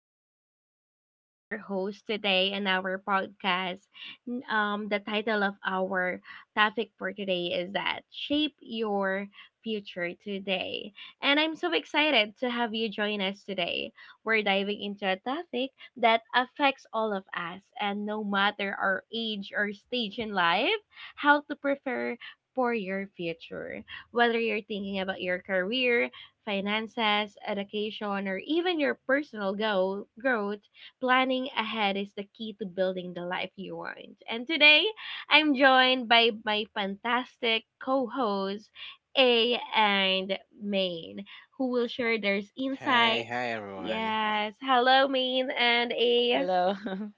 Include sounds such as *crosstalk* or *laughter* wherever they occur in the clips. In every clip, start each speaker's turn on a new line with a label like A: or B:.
A: is Charlene. I'm your host today in our podcast. The title of our topic for today is that shape your future today. And I'm so excited to have you join us today. We're diving into a topic that affects all of us, and no matter our age or stage in life, how to prepare for your future whether you're thinking about your career finances, education, or even your personal growth, planning ahead is the key to building the life you want. And today, I'm joined by my fantastic co hosts, A and Main, who will share their
B: Hi, hi
A: insights.
B: everyone.
A: Yes. Hello, Main and A.
C: Hello. *laughs*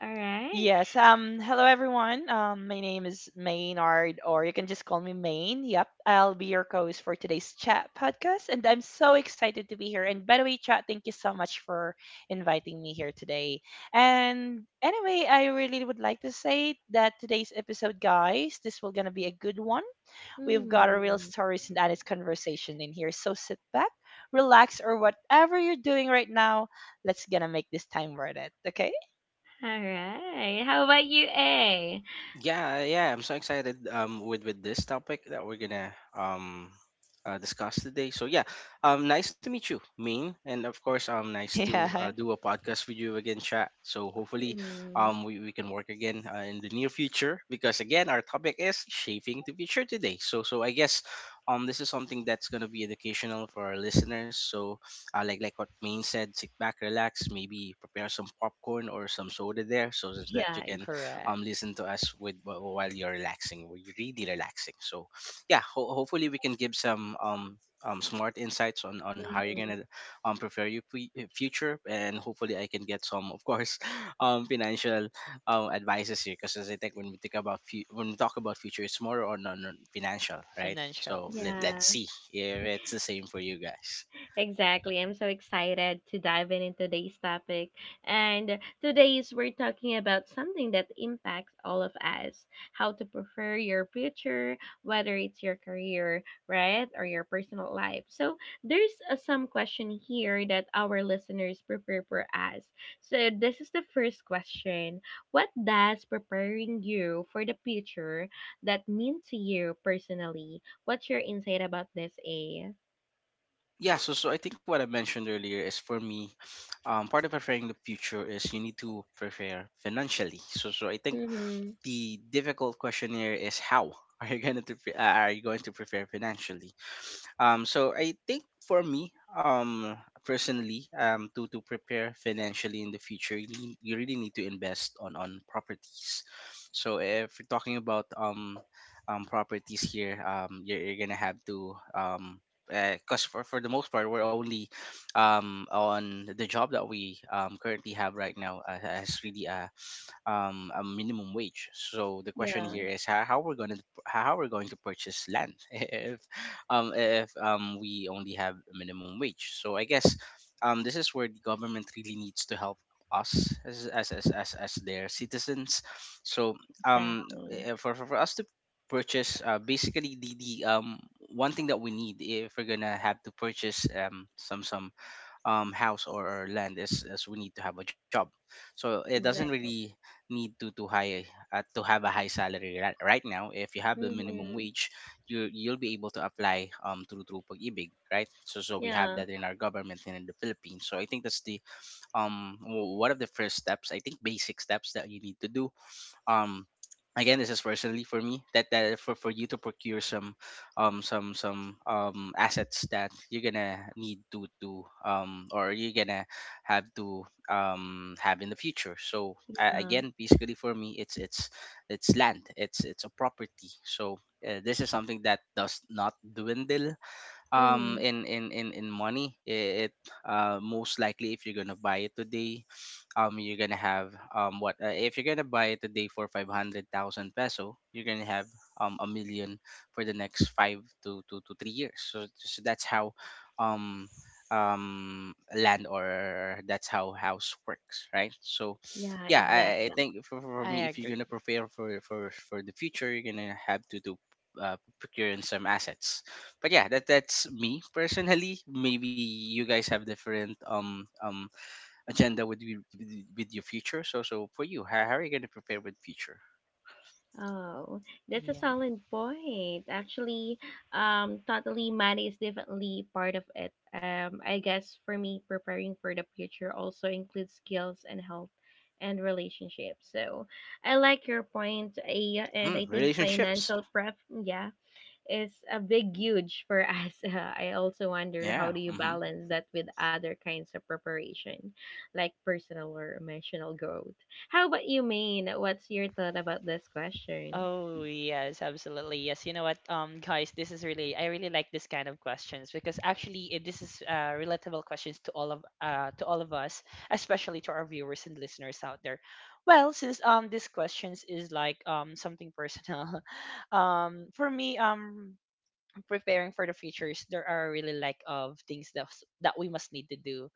A: All right.
C: Yes. Hello, everyone. My name is Maynard, or you can just call me Main. Yep. I'll be your co-host for today's chat podcast, and I'm so excited to be here. And by the way, chat, thank you so much for inviting me here today. And anyway, I really would like to say that today's episode, guys, this will gonna be a good one. We've got a real
A: Mhm.
C: stories and honest conversation in here. So sit back, relax, or whatever you're doing right now. Let's gonna make this time worth it, okay?
A: All right. How about you, A?
B: Yeah, yeah, I'm so excited with this topic that we're gonna discuss today. So yeah, nice to meet you, Main, and of course
C: *laughs*
B: nice to
C: Yeah,
B: do a podcast with you again, chat. So hopefully
A: Mhm.
B: we can work again in the near future because again our topic is shaping the future today. So I guess this is something that's gonna be educational for our listeners. So like what Main said, sit back, relax, maybe prepare some popcorn or some soda there so that you
A: Yeah,
C: correct.
B: can
A: exactly.
B: listen to us with while you're relaxing we really relaxing so yeah hopefully we can give some smart insights on how you're gonna prepare your future, and hopefully I can get some of course *laughs* financial advices here because as I think when we think about when we talk about future it's more on, on financial, right? So
C: Financials.
B: let
C: Yeah,
A: Yeah.
B: let's see if it's the same for you guys.
A: Exactly. I'm so excited to dive in into today's topic. And today's we're talking about something that impacts all of us. How to prefer your future, whether it's your career, right, or your personal life. So there's some question here that our listeners prepare for us. So this is the first question. What does preparing you for the future that mean to you personally? What's your insight about this, A?
B: Yeah, so so I think what I mentioned earlier is for me part of preparing the future is you need to prepare financially. So I think the difficult question here is how *laughs* are you going to are you going to prepare financially. So I think for me, personally, to prepare financially in the future, you, you really need to invest on properties. So if you're talking about properties here, you're gonna have to Because for the most part, we're only on the job that we currently have right now has really a minimum wage. So the question
A: Yeah,
B: here is how we're going to how we're going to purchase land *laughs* if we only have a minimum wage. So I guess this is where the government really needs to help us as as their citizens. So
A: exactly.
B: for us to purchase basically the one thing that we need if we're gonna have to purchase some house or land as we need to have a job, so it doesn't
A: Exactly.
B: really need to high to have a high salary right, right now. If you have the minimum
A: Mm-hmm.
B: wage, you you'll be able to apply through Pag-IBIG, right? So so we
A: Yeah,
B: have that in our government and in the Philippines, so I think that's the one of the first steps, I think, basic steps that you need to do. um Again, this is personally for me that that for you to procure some some assets that you're gonna need to or you're gonna have to have in the future. So
A: yeah.
B: again, basically for me, it's it's land, it's a property. So this is something that does not dwindle
A: Mm-hmm.
B: in money, it most likely if you're gonna buy it today you're gonna have what if you're gonna buy it today for 500,000 peso, you're gonna have a million for the next 5 to 3 years. So, so that's how um land, or that's how house works, right? So
A: Yeah,
B: yeah,
A: exactly.
B: I think for
C: I
B: me, if you're
C: agree.
B: gonna prepare for the future, you're gonna have to do procure in some assets. But yeah, that that's me personally. Maybe you guys have different agenda with you, with with your future. So for you, how are you going to prepare with future?
A: Oh, that's a
C: Yeah.
A: solid point. Actually, totally money is definitely part of it. I guess for me, preparing for the future also includes skills and health and relationships. So I like your point, Aya, and
B: Hmm,
A: I think
B: relationships.
A: financial prep, yeah, is a big huge for *laughs* us. I also wonder how
B: Yeah.
A: do you
B: Mm-hmm.
A: balance that with other kinds of preparation, like personal or emotional growth. How about you, Maine? What's your thought about this question?
C: Oh, yes, absolutely. Yes. You know what, guys, this is really I really like this kind of questions because actually this is relatable questions to all of us, especially to our viewers and listeners out there. Well, since this questions is like something personal, *laughs* for me preparing for the futures there are really like of things that we must need to do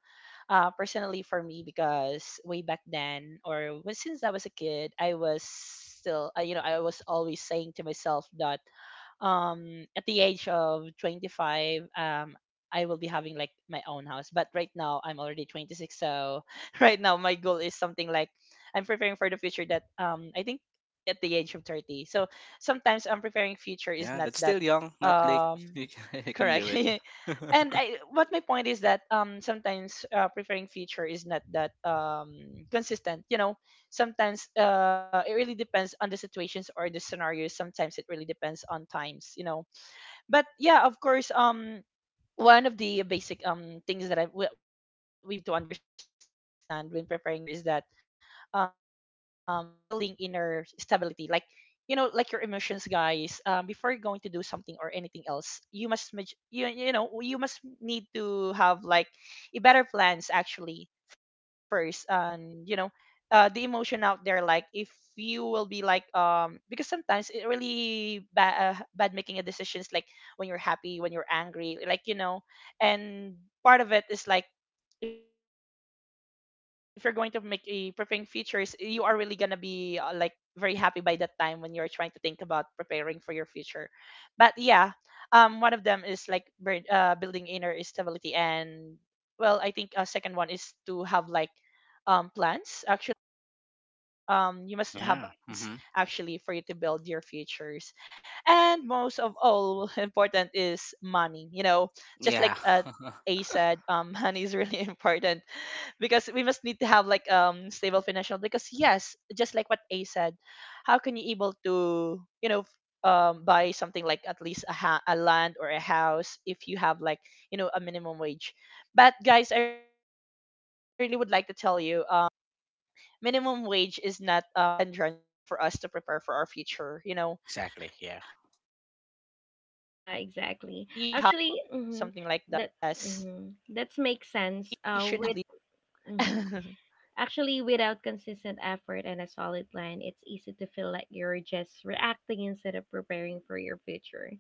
C: personally for me because way back then since I was a kid, I was still, you know, I was always saying to myself that at the age of 25, I will be having like my own house. But right now, I'm already 26. So *laughs* right now, my goal is something like I'm preparing for the future that I think at the age of 30. So sometimes I'm preparing future is
B: Yeah,
C: not
B: that's
C: that.
B: still young, not late. *laughs*
C: Um,
B: You can do
C: Correct. *laughs*
B: it. *laughs*
C: And what my point is that sometimes preferring feature is not that consistent. You know, sometimes it really depends on the situations or the scenarios. Sometimes it really depends on times. You know, but yeah, of course. One of the basic things that I, we must need to understand when preparing feature is that building inner stability, like like your emotions, guys, before you're going to do something or anything else, you must maj- you know you must need to have like a better plans actually first, and the emotion out there, like if you will be like because sometimes it really bad making a decisions, like when you're happy, when you're angry, like, and part of it is like, if you're going to make a preparing features, you are really gonna be like very happy by that time when you're trying to think about preparing for your future. But yeah, one of them is like, building inner stability. And well, I think a second one is to have like plans actually, you must need to have a better and solid
B: Yeah. Mm-hmm.
C: plans actually for you to build your futures, and most of all, *laughs* important is money, just like
B: Yeah. *laughs*
C: A said, *laughs* money is really *laughs* important because we must need to have like stable financial, because yes, just like what A said, how can you able to buy something like at least a land or a house if you have like, a minimum wage? But guys, I really would like to tell you, minimum wage is not a hindrance for us to prepare for our future. I think
B: Exactly.
C: you
B: Yeah.
C: should have like at least a budget
A: Yeah,
C: planner, something
A: exactly.
C: like that.
A: Actually, mhm,
C: Yes.
A: that mhm, that makes sense. With
C: *laughs*
A: mhm. Actually, without consistent effort and a solid plan, it's easy to feel like you're just reacting instead of preparing for your future.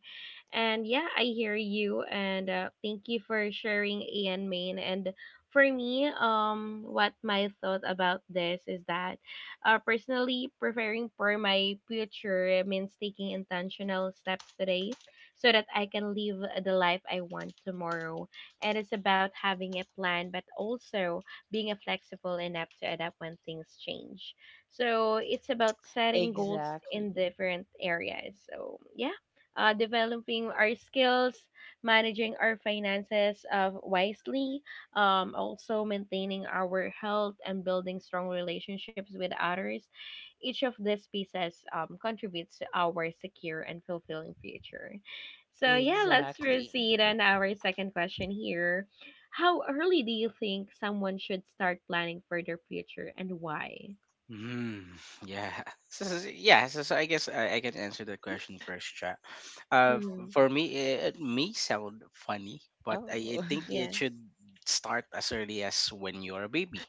A: And yeah, I hear you, and thank you for sharing, Ian Main. And for me, what my thought about this is that, personally, preparing for my future means taking intentional steps today, so that I can live the life I want tomorrow. And it's about having a plan, but also being a flexible and apt to adapt when things change. So it's about setting goals
C: Exactly.
A: in different areas. So yeah, developing our skills, managing our finances wisely, also maintaining our health and building strong relationships with others. Each of these pieces contributes to our secure and fulfilling future. So yeah, let's
C: Exactly.
A: proceed on our second question here, how early do you think someone should start planning for their future and why?
B: Mm, yeah.
C: Oh,
B: *laughs* So, yeah. So, so I guess I can answer the question first, chat.
A: Mm-hmm.
B: For me, it may sound funny, but I think
A: Yeah,
B: it should start as early as when you're a baby.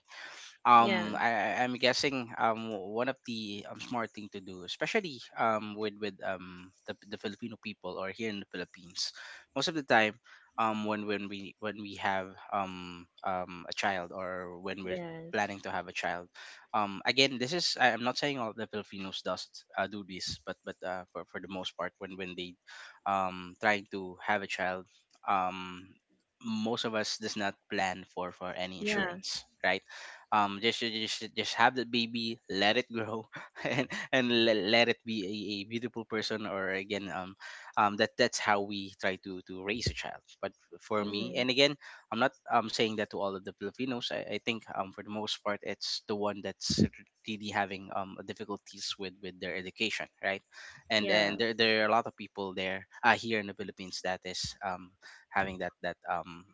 A: yeah,
B: I, I'm guessing one of the smart thing to do, especially with the Filipino people or here in the Philippines, most of the time when we when we have a child, or when we're
A: yes.
B: planning to have a child, again this is I'm not saying all the Filipinos does do this, but for the most part when they trying to have a child, um most of us does not plan for any
A: Yeah.
B: insurance, right? Just have that baby, let it grow *laughs* and let, let it be a beautiful person. Or again that that's how we try to raise a child. But for me,
A: Mm-hmm.
B: and again, I'm not saying that to all of the Filipinos, I think for the most part it's the one that's really having difficulties with their education, right? And
A: Yeah.
B: there, there are a lot of people there here in the Philippines that is having that that um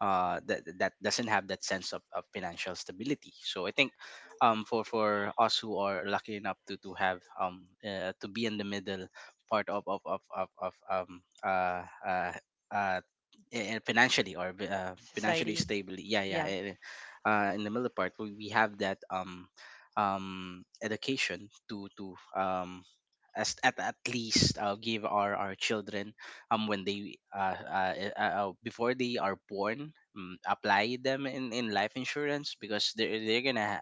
B: uh, that that doesn't have that sense of financial stability. So I think for us who are lucky enough to have to be in the middle part of of uh
C: *laughs*
B: financially, or
C: society. Yeah.
B: financially stable, yeah yeah in the middle part, we have that education to as at least give our children when they before they are born, apply them in life insurance because they're gonna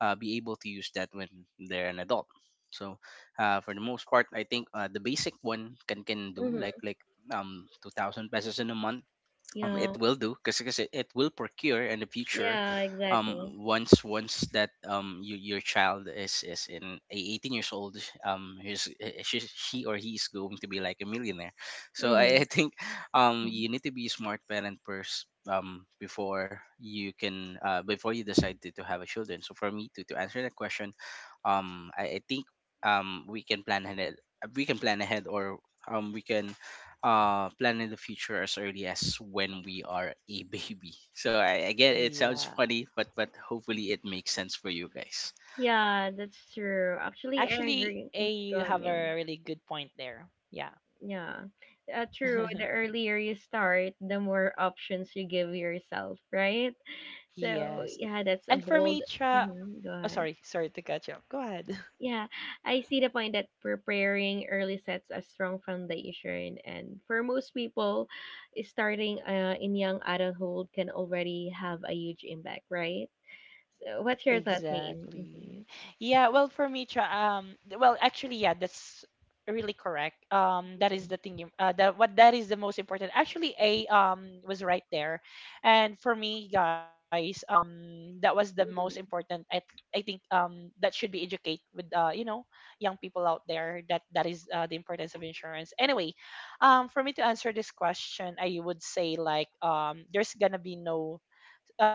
B: be able to use that when they're an adult. So for the most part I think the basic one can do
A: Mm-hmm.
B: like 2,000 pesos in a month, it
A: Yeah.
B: will do, because it will procure in the future.
A: Yeah, exactly.
B: Once once that you, your child is in a- 18 years old, he's, she or he is going to be like a millionaire. So
A: Mm-hmm.
B: I think
A: Mm-hmm.
B: you need to be a smart parent first before you can before you decide to have a children. So for me to answer that question, I think we can plan ahead, we can plan ahead, or we can plan in the future as early as when we are a *laughs* baby. So I get
C: Yeah.
B: it sounds funny, but hopefully it makes sense for you guys.
A: Yeah, that's true. Actually,
C: Actually,
A: I
C: A,
A: agree. Mhm.
C: you have
A: Go on,
C: a
A: Min.
C: really good point there. Yeah.
A: Yeah. True.
C: *laughs*
A: The earlier you start, the more options you give yourself, right? So,
C: Yes.
A: yeah, that's a
C: And for me,
A: bold.
C: tra.
A: Hmm. Go
C: Oh,
A: ahead.
C: sorry. Sorry to catch up. Go ahead.
A: Yeah, I see the point that preparing early sets a strong foundation, and for most people, starting in young adulthood can already have a huge impact, right? So, what's your thought, Main? Mm-hmm.
C: Exactly. Yeah, well for me tra- um th- well, actually, yeah, that's really correct. That is the thing, you, that what that is the most important. Actually A was right there. And for me, guys, that was the most important. I think that should be educate with, young people out there, that is the importance of insurance. Anyway, for me to answer this question, I would say like, there's going to be no,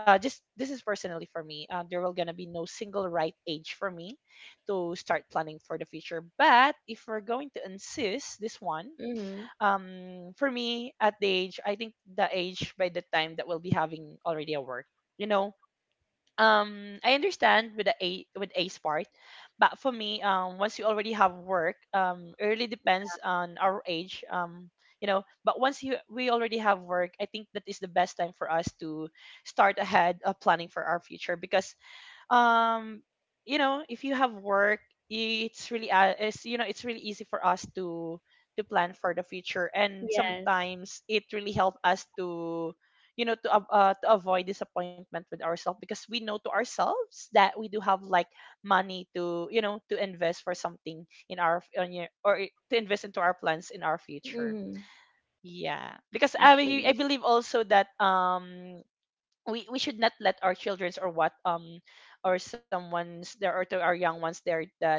C: just this is personally for me. There will gonna be no single right age for me to start planning for the future. But if we're going to insist this one,
A: Mm-hmm.
C: for me I think the age by the time that we'll be having already a work. You know, I understand with the A, with ace part, but for me, once you already have work, it really depends on our age. You know, but once you we already have work, I think that is the best time for us to start ahead of planning for our future, because um if you have work, I- it's really it's you know it's really easy for us to plan for the future, and
A: Yes.
C: sometimes it really help us to to to avoid disappointment with ourselves, because we know to ourselves that we do have like money to to invest for something, in our f- on your, or I- to invest into our plans in our future.
A: Mm-hmm,
C: Yeah, because I
A: actually.
C: believe also that we should not let our childrens or what, or someone's there, or to our young ones there, that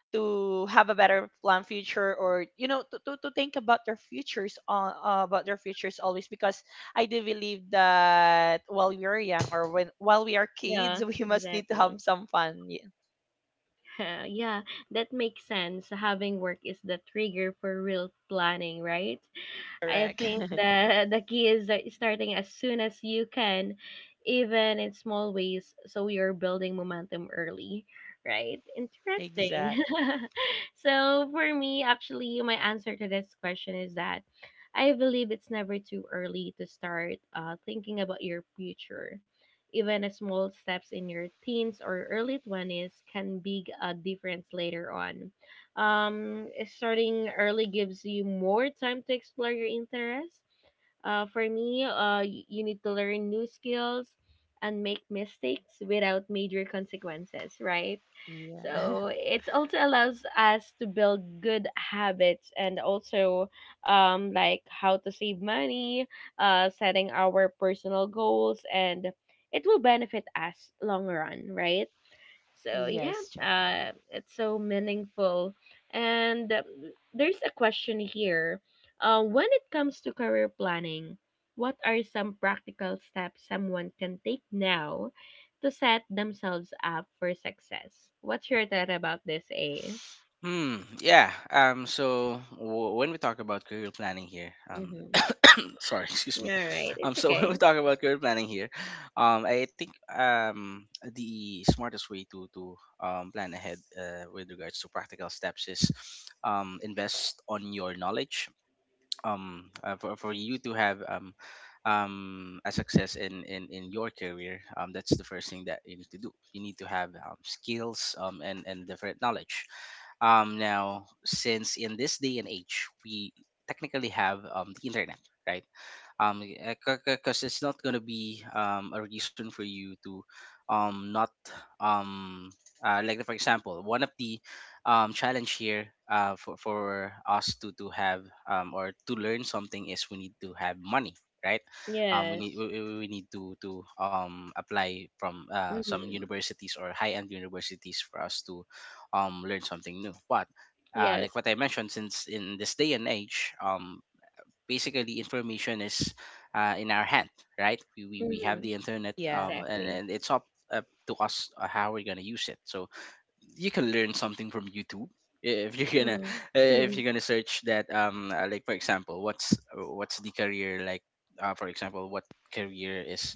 C: to have a better plan future, or to think about their futures always, because I do believe that while we are young, or when while we are kids, *laughs*
A: Yeah,
C: we must need to have
A: exactly.
C: some fun. Yeah.
A: *laughs* Yeah, that makes sense. Having work is the trigger for real planning, right? I
C: Correct.
A: think the key is that starting as soon as you can, even in small ways, so you're building momentum early, right?
C: *laughs*
A: Interesting.
C: Exactly.
A: *laughs* So for me, actually, my answer to this question is that I believe it's never too early to start thinking about your future. Even a small steps in your teens or early 20s can be a difference later on. Starting early gives you more time to explore your interests. You need to learn new skills and make mistakes without major consequences, right?
C: Yeah. *laughs*
A: So it also allows us to build good habits and also like how to save money, setting our personal goals, and it will benefit us long run, right? So
C: Yes,
A: yeah,
C: Jack.
A: it's so meaningful. And there's a question here. When it comes to career planning, what are some practical steps someone can take now to set themselves up for success? What's your thought about this, A?
B: Hmm yeah, so when we talk about career planning here
A: Mm-hmm.
B: *coughs* sorry *laughs* excuse me.
A: All right, it's
B: So *laughs* when we
A: okay.
B: talk about career planning here, I think the smartest way to plan ahead with regards to practical steps is invest on your knowledge for you to have a success in in your career. That's the first thing that you need to do. You need to have skills and different knowledge. Now, since in this day and age, we technically have the internet, right? Because it's not going to be a reason for you to not um like, for example, one of the challenge here for us to have or to learn something is we need to have money, right? We,
A: Yes.
B: we need to apply from some
A: Mm-hmm.
B: universities or high end universities for us to learn something new. But
A: Yes.
B: like what I mentioned, since in this day and age, basically information is in our hand, right? We, we have
A: Mm-hmm.
B: the internet,
C: Yeah.
A: Exactly.
B: and it's up, up to us how we're going to use it. So you can learn something from YouTube if you're gonna if
A: Mm-hmm.
B: you're
A: *laughs*
B: gonna search that like, for example, what's the career like for example, what career is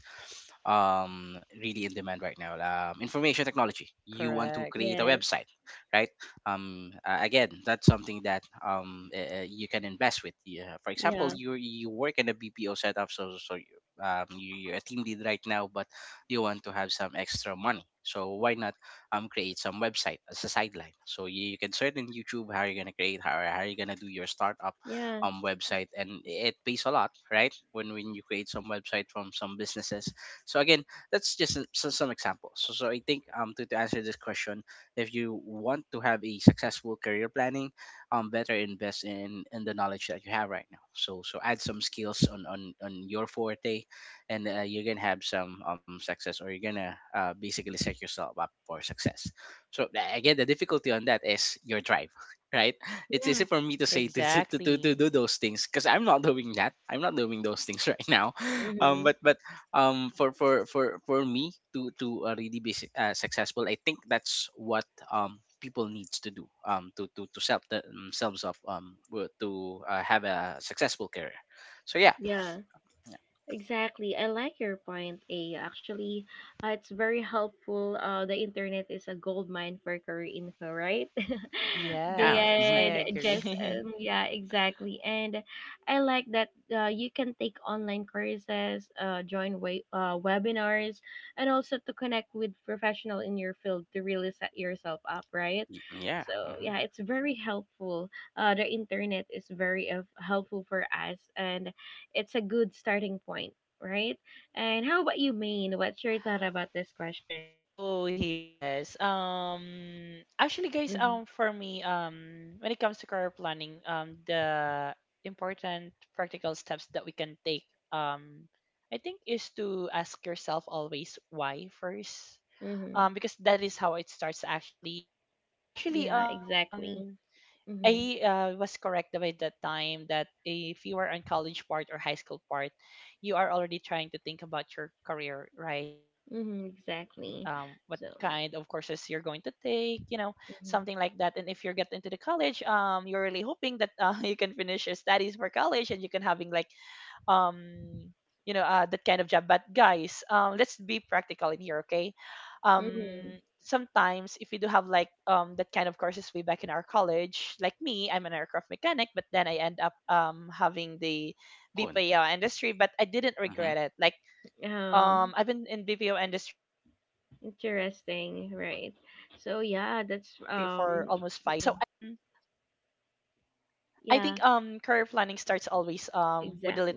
B: really in demand right now. Information technology,
C: Correct.
B: you want to create a
A: Yes.
B: website, right? Again, that's something that you can invest with. Yeah. For example,
A: Yeah.
B: you work in a BPO setup, so so you, you, you're a team lead right now, but you want to have some extra money. So why not create some website as a sideline. So you can search in YouTube how you're gonna create how you're gonna do your startup
A: Yeah.
B: website, and it pays a lot, right? When you create some website from some businesses. So again, that's just some examples. So I think to answer this question, if you want to have a successful career planning, better invest in the knowledge that you have right now. So add some skills on your forte, and you're gonna have some success, or you're gonna basically set yourself up for success. So again, the difficulty on that is your drive *laughs* right? It's
A: Yeah.
B: easy for me to say to *laughs* to,
C: Exactly.
B: to, to to do those things, because I'm not doing that, I'm not doing those things right now. *laughs*
A: Mm-hmm.
B: But For me to really be successful, I think that's what people needs to do, to set themselves up to have a successful career. So yeah,
A: Yeah.
B: yeah.
A: Exactly. I like your point, A. Actually, it's very helpful. The internet is a gold mine for career info, right? *laughs*
B: Yeah.
C: Yes, I
B: Mm-hmm.
A: Beyond just,
C: agree. *laughs*
A: yeah, exactly. And I like that you can take online courses, uh, join webinars, and also to connect with professional in your field to really set yourself up, right?
B: Yeah.
A: So
B: Hmm.
A: yeah, it's very helpful. The internet is very helpful for us and it's a good starting point, right? And how about you, Maine? What's your thought about this question?
C: Oh, yes. Actually, guys,
A: Mhm.
C: for me, when it comes to career planning, the important practical steps that we can take, um I think is to ask yourself always why first.
A: Mhm.
C: Because that is how it starts actually. Actually,
A: Yeah, exactly. Mhm.
C: I was correct by that time that if you are on college part or high school part, you are already trying to think about your career, right? What
A: Mhm,
C: kind of
A: exactly.
C: courses you're
A: So,
C: going to take, something like that. And if you
A: mhm.
C: get into the college, you're really hoping that *laughs* you can finish your studies for college, and you can having like um that kind of job. But guys, let's be practical in here, okay?
A: Mhm.
C: Sometimes if we do have like that kind of courses way back in our college, like me, I'm an aircraft mechanic, but then I end up having the
B: Oh.
C: BPO industry, but I didn't
B: Mm-hmm.
C: regret it, like
A: Uh,
C: I've been in BPO industry for almost 5 years, so I
A: interesting,
C: think
A: right? So, yeah,
C: *laughs*
A: that's
C: yeah.
A: mhm.
C: I think career planning starts
A: Yeah,
C: always with the little steps. Like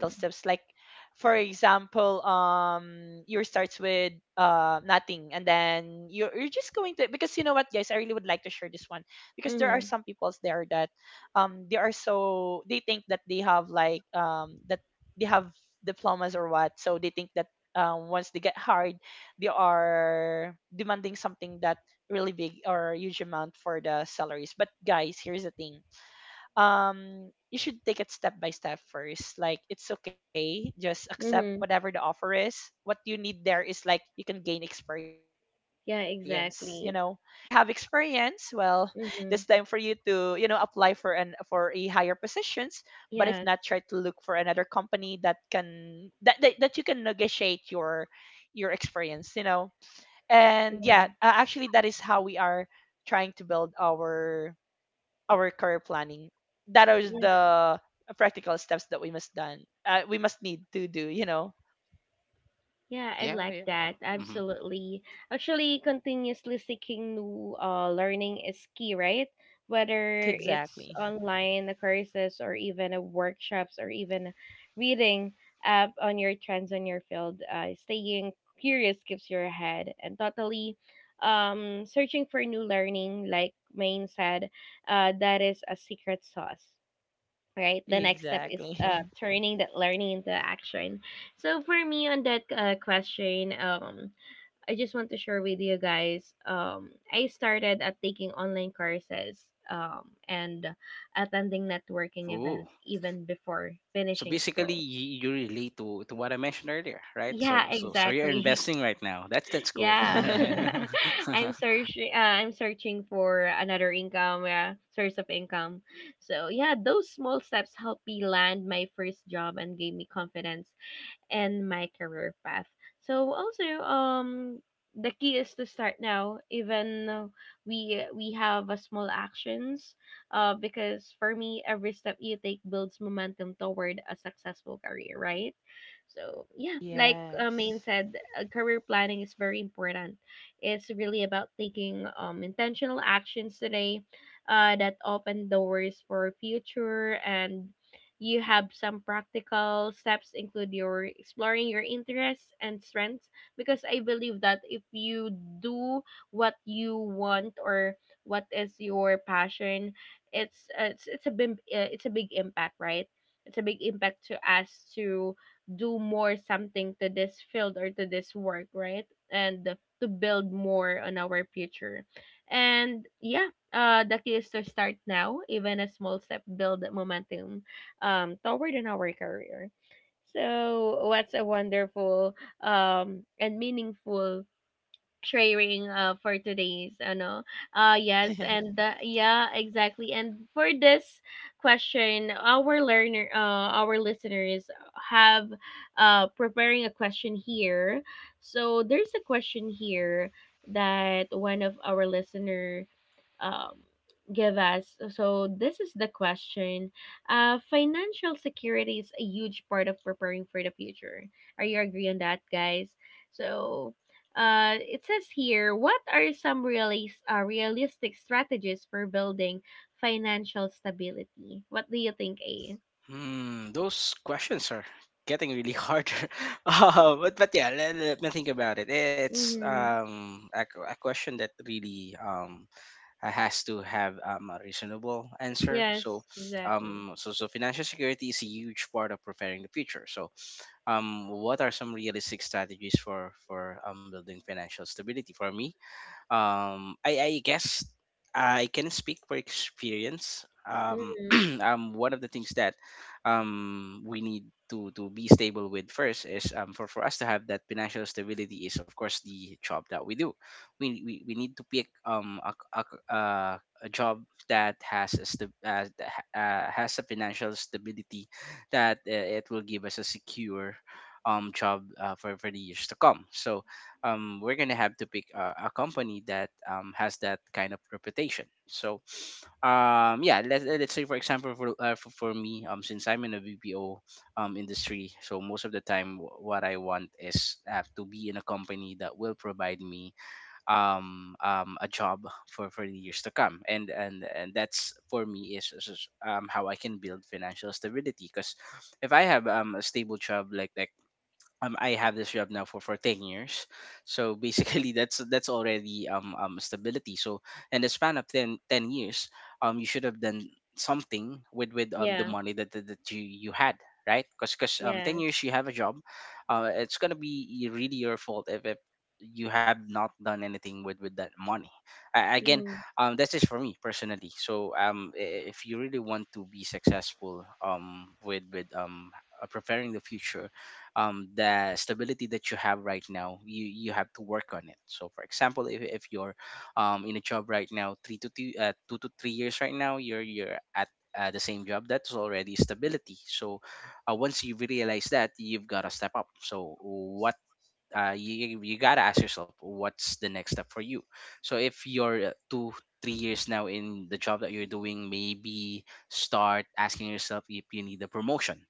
C: for example, your starts with nothing, and then you're just going to, because you know what, guys, I really would like to share this one, because there are some peoples
A: Mhm.
C: there that, they are so they think that they have diplomas or what, so they think that, once they get hired, they are demanding something that really big or huge amount for the salaries. But guys, here's the thing, you should take it step by step first, like it's okay, just accept
A: Mhm.
C: whatever the offer is. What you need there is like you can gain experience,
A: Yeah,
C: once you already
A: exactly.
C: have experience, well *laughs* it's time for you
A: Mhm.
C: to apply for an for a higher positions. But if not, try
A: Yes.
C: to look for another company that you can negotiate your experience, and
A: Yeah.
C: yeah, actually that is how we are trying to build our career planning. That is the practical steps that we must done. We must need to do. You know.
A: Yeah, I
B: Yeah.
A: like
B: Yeah.
A: that.
B: Mm-hmm.
A: Absolutely. Actually, continuously seeking new learning is key, right? Whether it's
C: Exactly.
A: online courses or even workshops or even reading up on your trends on your field, staying curious keeps your head and totally searching for new learning, like Maine said, that is a secret sauce. Right the next step is
C: Exactly.
A: turning that learning into action. So for me on that question, I just want to share with you guys, I started at taking online courses and attending networking
B: Oh.
A: events even before
B: So
A: finishing
B: basically,
A: school.
B: you relate to what I mentioned earlier, right?
A: Yeah,
B: So you're
A: exactly. *laughs*
B: investing right now. That's cool. *laughs* All
A: Yeah.
B: right.
A: *laughs*
C: *laughs*
B: *laughs*
A: I'm searching for another income, source of income. So, yeah, those small steps helped me land my first job and gave me confidence and my career path. So also the key is to start now even though we have a small actions because for me every step you take builds momentum toward a successful career, right? So yeah, like Main
C: Yes.
A: said, career planning is very important. It's really about taking intentional actions today that open doors for future. And you have some practical steps include your exploring your interests and strengths because I believe that if you do what you want or what is your passion, it's a big it's a big impact, right? It's a big impact to us to do more something to this field or to this work, right? And to build more on our future. And yeah, the key is to start now. Even a small step build momentum toward in our career. So what's a wonderful and meaningful sharing for today's ano.
C: *laughs*
A: Yes, and yeah, exactly. And for this question, our learner our listeners have preparing a question here. So there's a question here that one of our listener um, give us. So, this is the question. Financial security is a huge part of preparing for the future. Are you agree on that, guys? So, it says here, what are some realistic strategies for building financial stability? What do you think, A?
B: Hmm. Those questions are getting really harder. *laughs* But yeah, let me think about it. It's
A: Mm-hmm.
B: a a question that really has to have a reasonable answer. So
A: Yes, exactly.
B: um so so financial security is a huge part of preparing the future. So what are some realistic strategies for building financial stability? For me, I guess I can speak for experience. Um
A: Mm-hmm.
B: *clears throat* One of the things that we need to be stable with first, is for us to have that financial stability, is of course the job that we do. We need to pick a, a job that has a has a financial stability, that it will give us a secure job, for the years to come. So we're gonna have to pick a company that has that kind of reputation. So, yeah, let's say, for example, for me, since I'm in a VPO industry, so most of the time what I want is to be in a company that will provide me a job for the years to come, and that's for me, is how I can build financial stability, because if I have a stable job, like I have this job now for 10 years. So basically *laughs* that's already stability. So in the span of 10 years, you should have done something with the
A: Yeah,
B: money that you had, right? Because ten
A: yes.
B: years you have a job, it's gonna be really your fault if, you have not done anything with that money. Again,
A: Mm-hmm.
B: that's just for me personally. So if you really want to be successful with preparing the future, the stability that you have right now, you have to work on it. So, for example, if you're in a job right now, 2 to 3 years right now, you're at the same job. That's already stability. So, once you realize that, you've got to step up. So, what you gotta ask yourself, what's the next step for you? So if you're 2 3 years now in the job that you're doing, maybe start asking yourself if you need a promotion.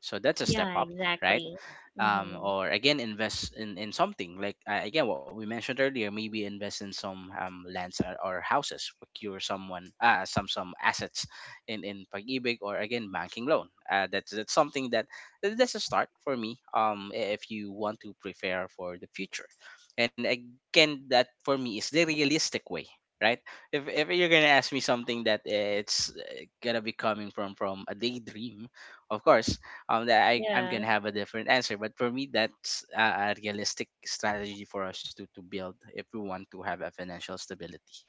B: So that's a step
A: Yeah,
B: up, right?
A: exactly. Mm-hmm.
B: Or again, invest in something like, again, what we mentioned earlier, maybe invest in some lands, or houses, procure someone, some assets in pag-ibig, or again banking loan. That's something that— that's a start for me. If you want to prepare for the future, and again, that, for me, is the realistic way, right? If you're gonna ask me something that it's gonna be coming from a daydream, of course that I'm
A: Yeah.
B: gonna have a different answer, but for me, that's a realistic strategy for us to build, if we want to have a financial stability.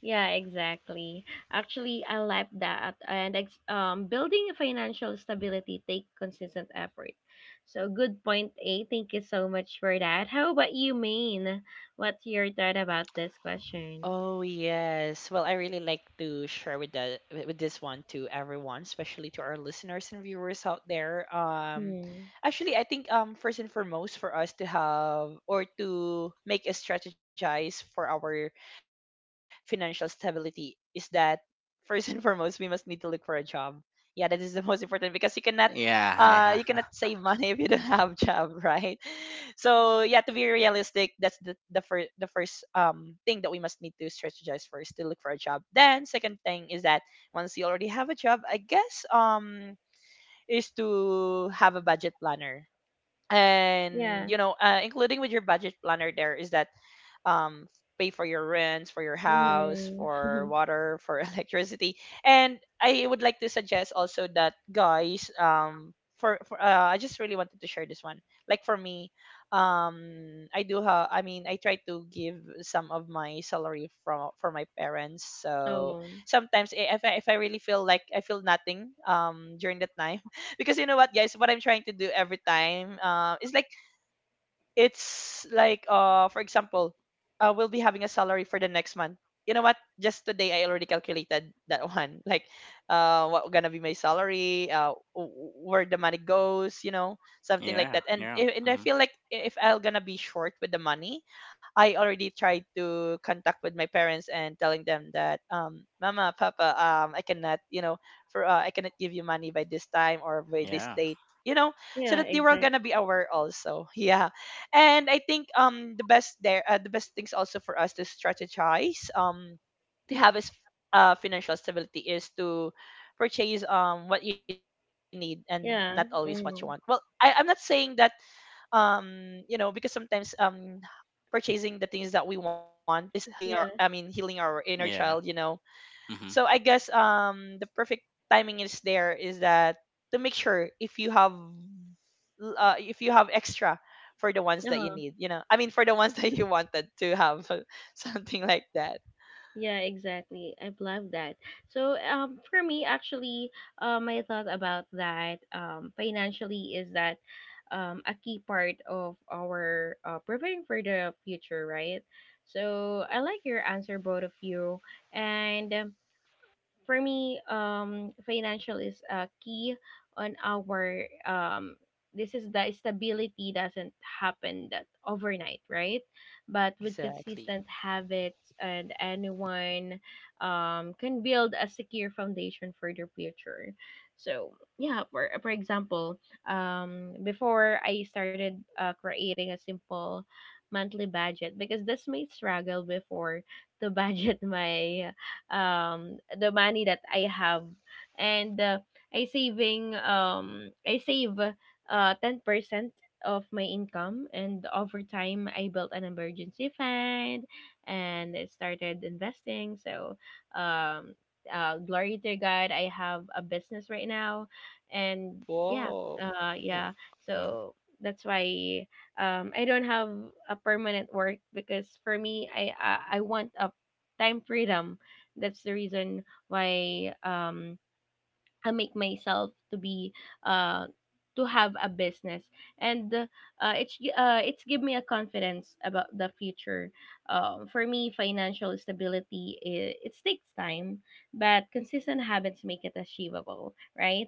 A: Yeah, exactly. Actually, I like that. And building financial stability take consistent effort. So good point A. Thank you so much for that. How about you, Maine? What's your thought about this question?
C: Oh yes. Well, I really like to share with the with this one to everyone, especially to our listeners and viewers out there.
A: Hmm.
C: Actually, I think first and foremost, for us to have, or to make a strategize for our financial stability, is that, first and *laughs* foremost, we must need to look for a job. Yeah, that is the most important, because you cannot
B: Yeah, yeah.
C: save money, *laughs* if you don't have job, *laughs* right? So yeah, to be realistic, that's the first thing that we must need to strategize first, to look for a job. Then second thing is that once you already have a job, I guess is to have a budget planner. And
A: Yeah.
C: including with your budget planner, there is that um, pay for your rents, for your house,
A: Mm.
C: for
A: *laughs*
C: water, for *laughs* electricity. And I would like to suggest also that guys, for I just really wanted to share this one. Like for me, I do have. I try to give some of my salary from for my parents. So
A: Oh.
C: sometimes if I really feel like I feel nothing during that time, *laughs* because you know what, guys, what I'm trying to do every time is like it's like for example we'll be having a salary for the next month. You know what, just today I already calculated that one *laughs* like what gonna be my salary, where the money goes, you know,
B: *laughs*
C: something like
B: Yeah,
C: that. And
B: yeah.
C: I
B: Mhm.
C: feel like if I'm gonna be short with the money, I already tried to contact with my parents and telling them that mama, papa, I cannot, you know, for I cannot give you money by this time or by this
B: Yeah,
C: date, you know,
A: Yeah,
C: so that they were
A: exactly.
C: gonna be aware also. *laughs* Yeah. And I think the best things also for us to strategize to have is financial stability is to purchase what you need and not always what
A: Yeah.
C: you want. Well,
A: Mm.
C: I'm not saying that you know because sometimes purchasing the things that we want is healing
A: Yeah.
C: our, healing our inner
B: yeah.
C: child, you know. So I guess the perfect timing is there is that to make sure if you have if you have extra for the ones that
A: Uh-huh.
C: you need, you know. For the ones *laughs* that you wanted to have *laughs* something like that.
A: Yeah, exactly. I love that. So, for me, actually, my thought about that, financially is that, a key part of our preparing for the future, right? So, I like your answer, both of you, and for me, financial is a key on our. This is the stability doesn't happen that overnight, right? But with consistent
C: Exactly.
A: habits, and anyone can build a secure foundation for their future. So yeah, for example, before I started creating a simple monthly budget because that's my struggle before to *laughs* budget my the money that I have, and I save 10% of my income, and over time I built an emergency fund and I started investing. So um glory to God, I have a business right now, and yeah,
C: Whoa.
A: uh yeah
B: Hmm.
A: so that's why I don't have a permanent work because for me, I want a time freedom. That's the reason why I make myself to be uh to have a business. And it's give me a confidence about the future. For me, financial stability, it takes time but consistent habits make it achievable, right?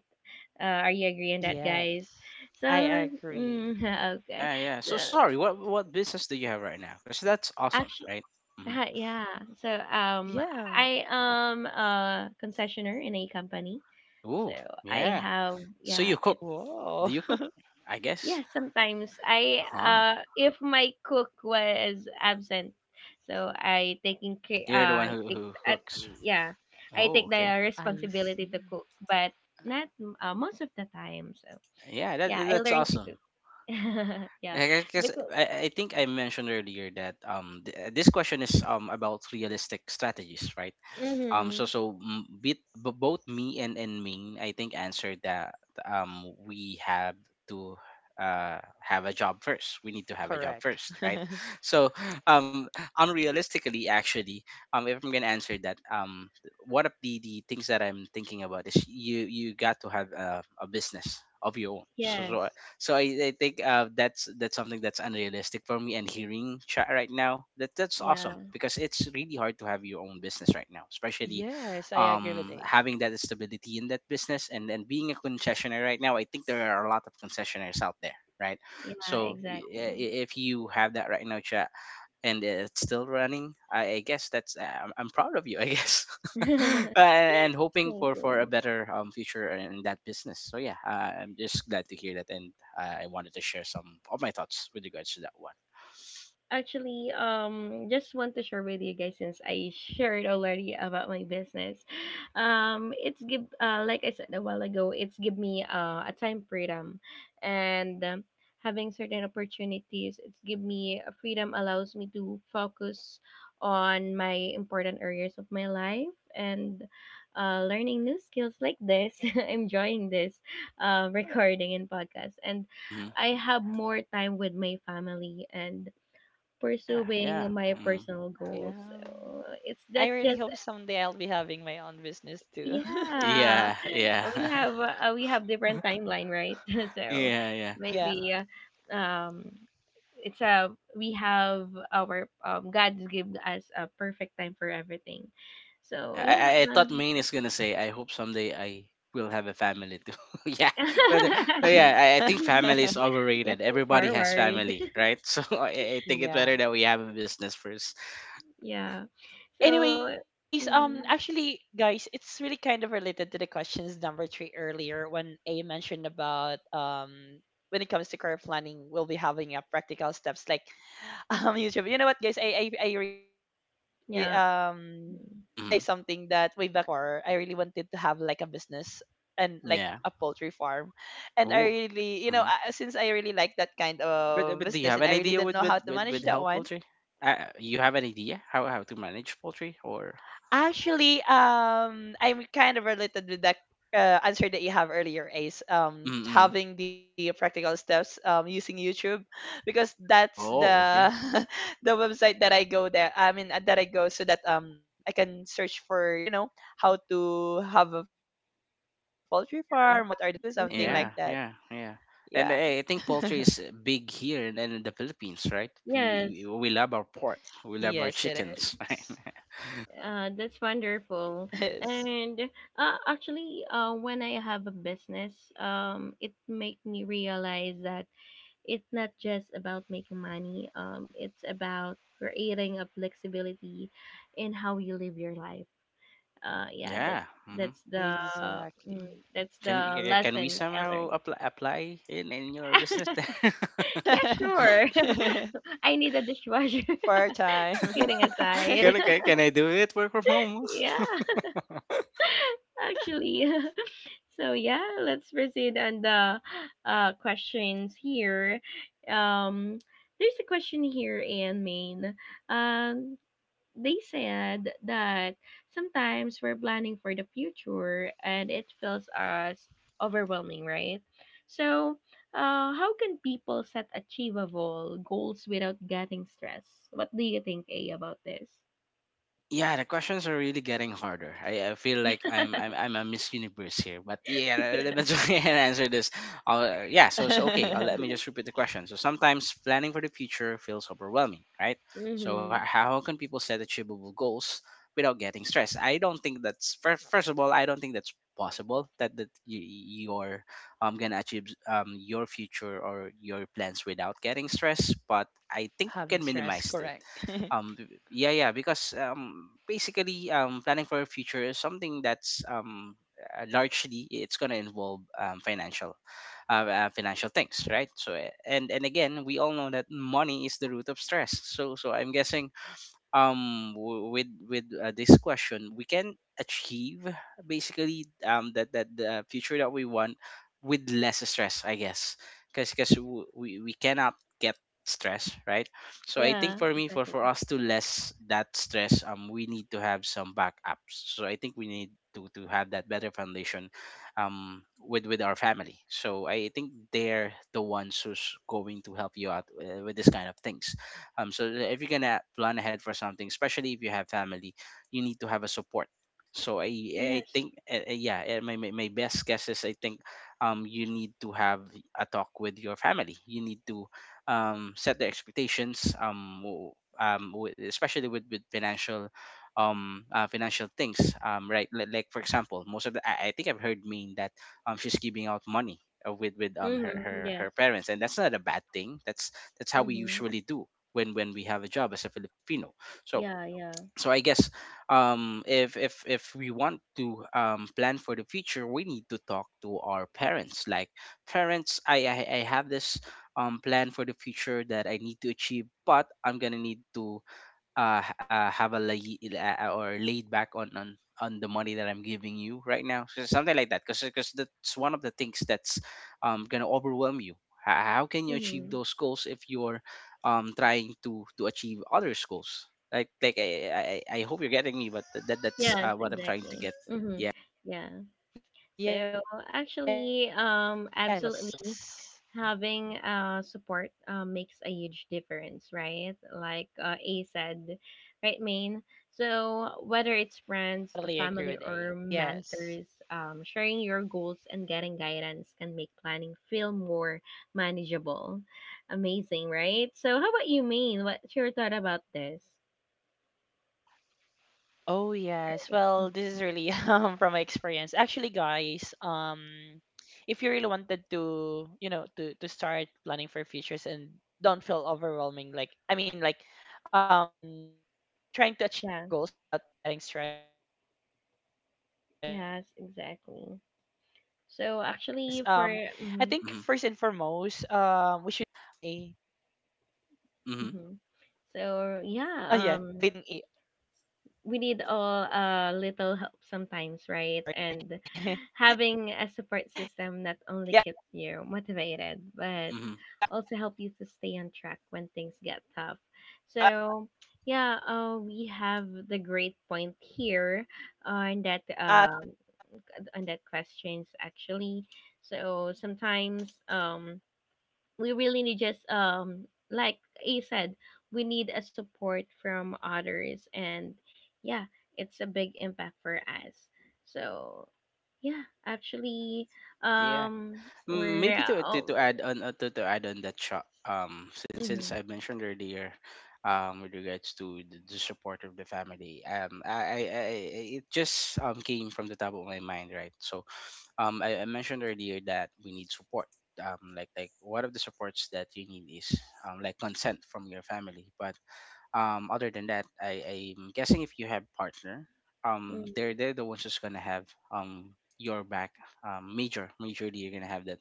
A: Are you agreeing that guys?
C: Yes.
A: So
C: I
A: mm,
C: agree.
A: *laughs* okay.
B: Yeah, yeah. So
A: So
B: sorry, what business do you have right now? Because that's awesome,
A: actually,
B: right? Hmm.
A: hi, yeah. So
C: Yeah.
A: I am a concessionaire in a company. So
B: Ooh,
A: I
B: yeah.
A: have,
B: So
A: yeah,
B: you cook?
A: it's
C: Whoa.
B: Do you cook?
C: *laughs*
B: I guess.
A: yeah, sometimes I
B: Huh.
A: if my cook was absent, so
B: You're the one
A: I take
B: who
A: at
B: cooks.
A: yeah, I
B: Oh,
A: take
B: okay.
A: the
C: I
A: responsibility to cook,
C: see.
A: but not most of the time. So
B: Yeah,
A: yeah, I
B: that's
A: learned to
B: awesome.
A: cook. *laughs* Yeah.
B: Like, I guess
A: Because
B: I think I mentioned earlier that this question is about realistic strategies, right?
A: mm-hmm.
B: Both me and Ming, I think, answered that we have to have a job first. We need to have a job first, right?
C: Correct.
B: *laughs* So
C: *laughs*
B: um unrealistically, actually, if I'm gonna answer that, one of the things that I'm thinking about is, you got to have a business of your own. So,
A: Yes.
B: so I, I think, that's something that's unrealistic for me. And hearing chat right now, that that's
A: Yeah.
B: awesome, because it's really hard to have your own business right now, especially
C: Yes, I agree
B: having
C: with
B: that
C: A.
B: stability in that business, and being a concessionaire right now. I think there are a lot of concessionaires out there, right?
A: Yeah,
B: So
A: exactly.
B: if you have that right now, chat, and it's still running, I guess that's— I'm proud of you, I guess. *laughs*
A: *laughs*
B: And hoping for
A: Thank
B: a
A: you.
B: better future in that business. So yeah, I'm just glad to hear that, and I wanted to share some of my thoughts with regards to that one.
A: Actually Just want to share with you guys since I shared already about my business. It's give like I said a while ago, it's give me a time freedom and having certain opportunities. It's give me a freedom, allows me to focus on my important areas of my life and learning new skills like this, *laughs* enjoying this recording and podcast, and
B: Hmm.
A: I have more time with my family and
B: Yeah, yeah.
A: pursuing my
B: Hmm.
A: personal goals. So, it's
C: Yeah.
A: that just
C: I really hope someday I'll be having my own business too.
A: yeah.
B: Yeah,
C: *laughs*
B: yeah. *laughs*
A: We have different timeline, right? *laughs* So,
B: Yeah, yeah,
A: maybe
C: Yeah.
A: um it's a, we have our God give us a perfect time for everything. So
B: yeah.
A: yeah,
B: I thought Maine is gonna say, "I hope someday I will have a family too." *laughs* Yeah, but, yeah,
A: *laughs*
B: I think family is
C: *laughs*
B: overrated.
A: looking
B: Everybody has
A: forward.
B: family, right? *laughs* So I think it's better that we have a
C: Yeah.
B: business first.
A: *laughs* Yeah. So
C: Anyways,
A: mhm,
C: actually guys, it's really kind of related to the questions number 3 earlier when A mentioned about when it comes to career planning, we'll be having a practical steps like *laughs* YouTube. You know what guys, I
A: yeah.
C: I
A: Mm-hmm.
C: realized
B: Hmm.
C: something that way back before I really wanted to have like a business and like
B: Yeah.
C: a poultry farm, and I
B: Oh.
C: really, you know,
B: Hmm.
C: since I really like that kind of
B: But do you
C: business
B: have an
C: and I really
B: idea with
C: didn't know how to
B: with
C: manage
B: how
C: that one.
B: poultry? You have an idea how to manage poultry, or?
C: Actually, I'm kind of related with that answer that you have earlier, Ace.
B: Mm.
C: Having the practical steps, using YouTube, because that's
B: Oh,
C: the
B: okay.
C: *laughs* the website that I go there. That I go so that I can search for, you know, how to have a poultry farm. What are the things that we need to do? Something like
A: Mm-hmm.
B: Yeah,
C: that.
B: yeah, yeah.
C: Yeah.
B: And I think
C: *laughs*
B: poultry is, big here and in the Philippines, right?
A: Yes.
B: We love our pork, we love our
C: Yes, it
B: chickens. *laughs*
C: is.
B: Right?
A: That's
C: It is.
A: wonderful. And actually, when I have a business, it make me realize that it's not just about making money. It's about creating a flexibility in how you live your life. Yeah,
B: Yeah. Hmm.
A: that's the
C: Exactly.
A: mm, that's
B: Can
A: the
B: can we
A: lesson I
B: somehow
A: learned.
B: apply, in your business?
A: *laughs*
B: *laughs*
A: Yeah,
C: *laughs*
A: sure. *laughs* I need a dishwasher.
C: Part time.
A: *laughs* Kidding
C: *laughs*
A: aside.
B: Can I do it? Work from
C: Oh,
B: home.
C: we
A: *laughs*
C: know how
A: Yeah,
C: to d yeah.
A: *laughs* actually. *laughs* So yeah, let's proceed on the questions here. Um, there's a question here, Anne Main. Um, they said that sometimes we're planning for the future and it feels us overwhelming, right? So, how can people set achievable goals without getting stressed? What do you think, A, about this?
B: Yeah, the questions are really getting harder. I feel like
A: *laughs*
B: I'm a Miss Universe here. But yeah, *laughs* let me try and *laughs* answer this. Yeah, so okay.
C: *laughs*
B: Let me just repeat the question. So sometimes planning for the future feels overwhelming, right? So
A: Mm-hmm.
B: how can people set achievable goals without getting stressed? I don't think that's— first. First of all, I don't think that's possible that you're gonna achieve your future or your plans without getting stressed. But I think we can
C: Having
B: minimize
C: stress,
B: it.
C: correct.
B: Um yeah, yeah, because basically planning for a future is something that's largely it's going to involve financial, financial things, right? So and again, we all know that money is the root of stress, so I'm guessing, w- with this question we can achieve basically, that the future that we want, with less stress, I guess. Because we cannot get stress, right? So I
A: Yeah,
B: think, for me, for
A: exactly.
B: us to less that stress, we need to have some backups. So I think we need to have that better foundation, with our family, so I think they're the ones who's going to help you out, with this kind of things, so that if you're gonna plan ahead for something, especially if you have family, you need to have a support. So I
A: Yes.
B: think, yeah, my, best guess is, I think you need to have a talk with your family. You need to set their expectations, especially with financial, financial things, right? Like, for example, most of the I think, I've heard mean that she's giving out money, with her,
A: Mm-hmm. Yes.
B: parents, and that's not a bad thing. That's how we
A: Mm-hmm.
B: usually do, when we have a job as a Filipino. So
A: Yeah, yeah.
B: I guess, if we want to plan for the future, we need to talk to our parents. Like, parents, I have this plan for the future that I need to achieve, but I'm gonna need to, have a lay, or laid back on on the money that I'm giving you right
C: Hello.
B: now, so something like that, because that's one of the things that's gonna overwhelm you. How can you achieve
A: Mm-hmm.
B: those goals if you're trying to achieve other goals? I hope you're getting me, but that that's
A: Yes,
B: what I'm trying to get.
A: exactly.
B: Yeah.
A: Mm-hmm. Yeah.
C: Yes.
A: So actually,
C: I totally
A: absolutely,
C: agree with A.
A: having support makes a huge difference, right? Like A said, right, Main. So whether it's friends, family, or
C: Yes.
A: mentors, sharing your goals and getting guidance can make planning feel more manageable. Amazing, right? So how about you, Main? What's your thought about this?
C: Oh yes.
A: Right.
C: Well, this is really *laughs* from my experience. Actually, guys, if you really wanted to, you know, to start planning for futures and don't feel overwhelming, um trying to achieve your
A: Yeah,
C: goals without getting stressed, I think first and foremost
A: yes,
C: we should
A: exactly.
C: start on
A: So
C: thinking
A: actually
C: about
A: for hmm
C: without
B: Mm-hmm.
C: having a, oh yeah sorry, *laughs* yeah, to
B: Mm-hmm.
A: hmm.
C: avoid having a,
A: So yeah,
C: high, you
A: um,
C: know, high interest of debt
A: we need all a little help
C: and
A: sometimes, right? And having a support system not only keeps you motivated, but
B: Mm-hmm.
A: also help you to stay on track when things get tough. So yeah, we have the great point here on that um on that questions actually. So sometimes we really need just like you said, we need a support from others, and yeah, it's a big impact for us. So yeah, actually
B: Yeah,
A: um
B: M-
A: we're
B: maybe
A: um,
B: to add on that shot. Since since
A: hmm,
B: I mentioned earlier, with regards to the support of the family, it just came from the top of my mind, right? So I mentioned earlier that we need support. Like like one of the supports that you need is like, consent from your family, but other than that, I'm guessing if you have partner, they're the ones who's gonna have um your back. Majorly, you're gonna have that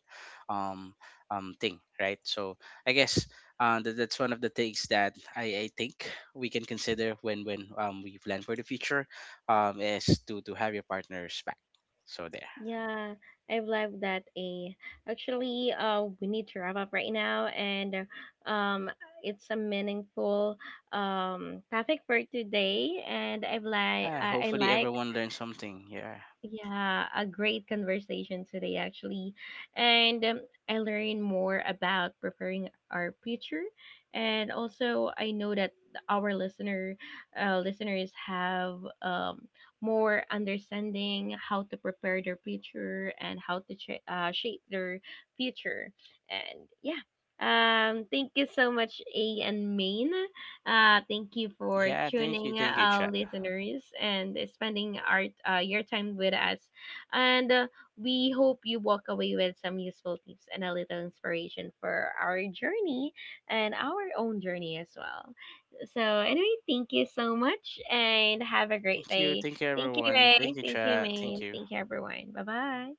B: um thing, right? So I guess, that's one of the things that I think we can consider when we plan for the future, is to have your partner's back. So there.
A: yeah, I love that, A. Actually we need to wrap up right now, and um it's a meaningful topic for today, and
B: Yeah,
A: I
B: hopefully
A: like.
B: everyone learned something. Yeah.
A: Yeah, a great conversation today, actually. And I learned more about preparing our future. And also, I know that our listeners have more understanding how to prepare their future and how to shape their future. And yeah, thank you so much, A and Main. Thank you for
B: Yeah, thank you.
A: tuning,
B: Thank you, chat.
A: listeners, and spending our your time with us. And we hope you walk away with some useful tips and a little inspiration for our journey, and our own journey as well. So, anyway, thank you so much, and have a great
B: Thank you.
A: day.
B: Thank you,
A: Thank you,
B: everyone.
A: Ray.
B: Thank you,
A: Thank you,
B: chat. Thank
A: Maine.
B: you.
A: Thank you, everyone. Bye bye.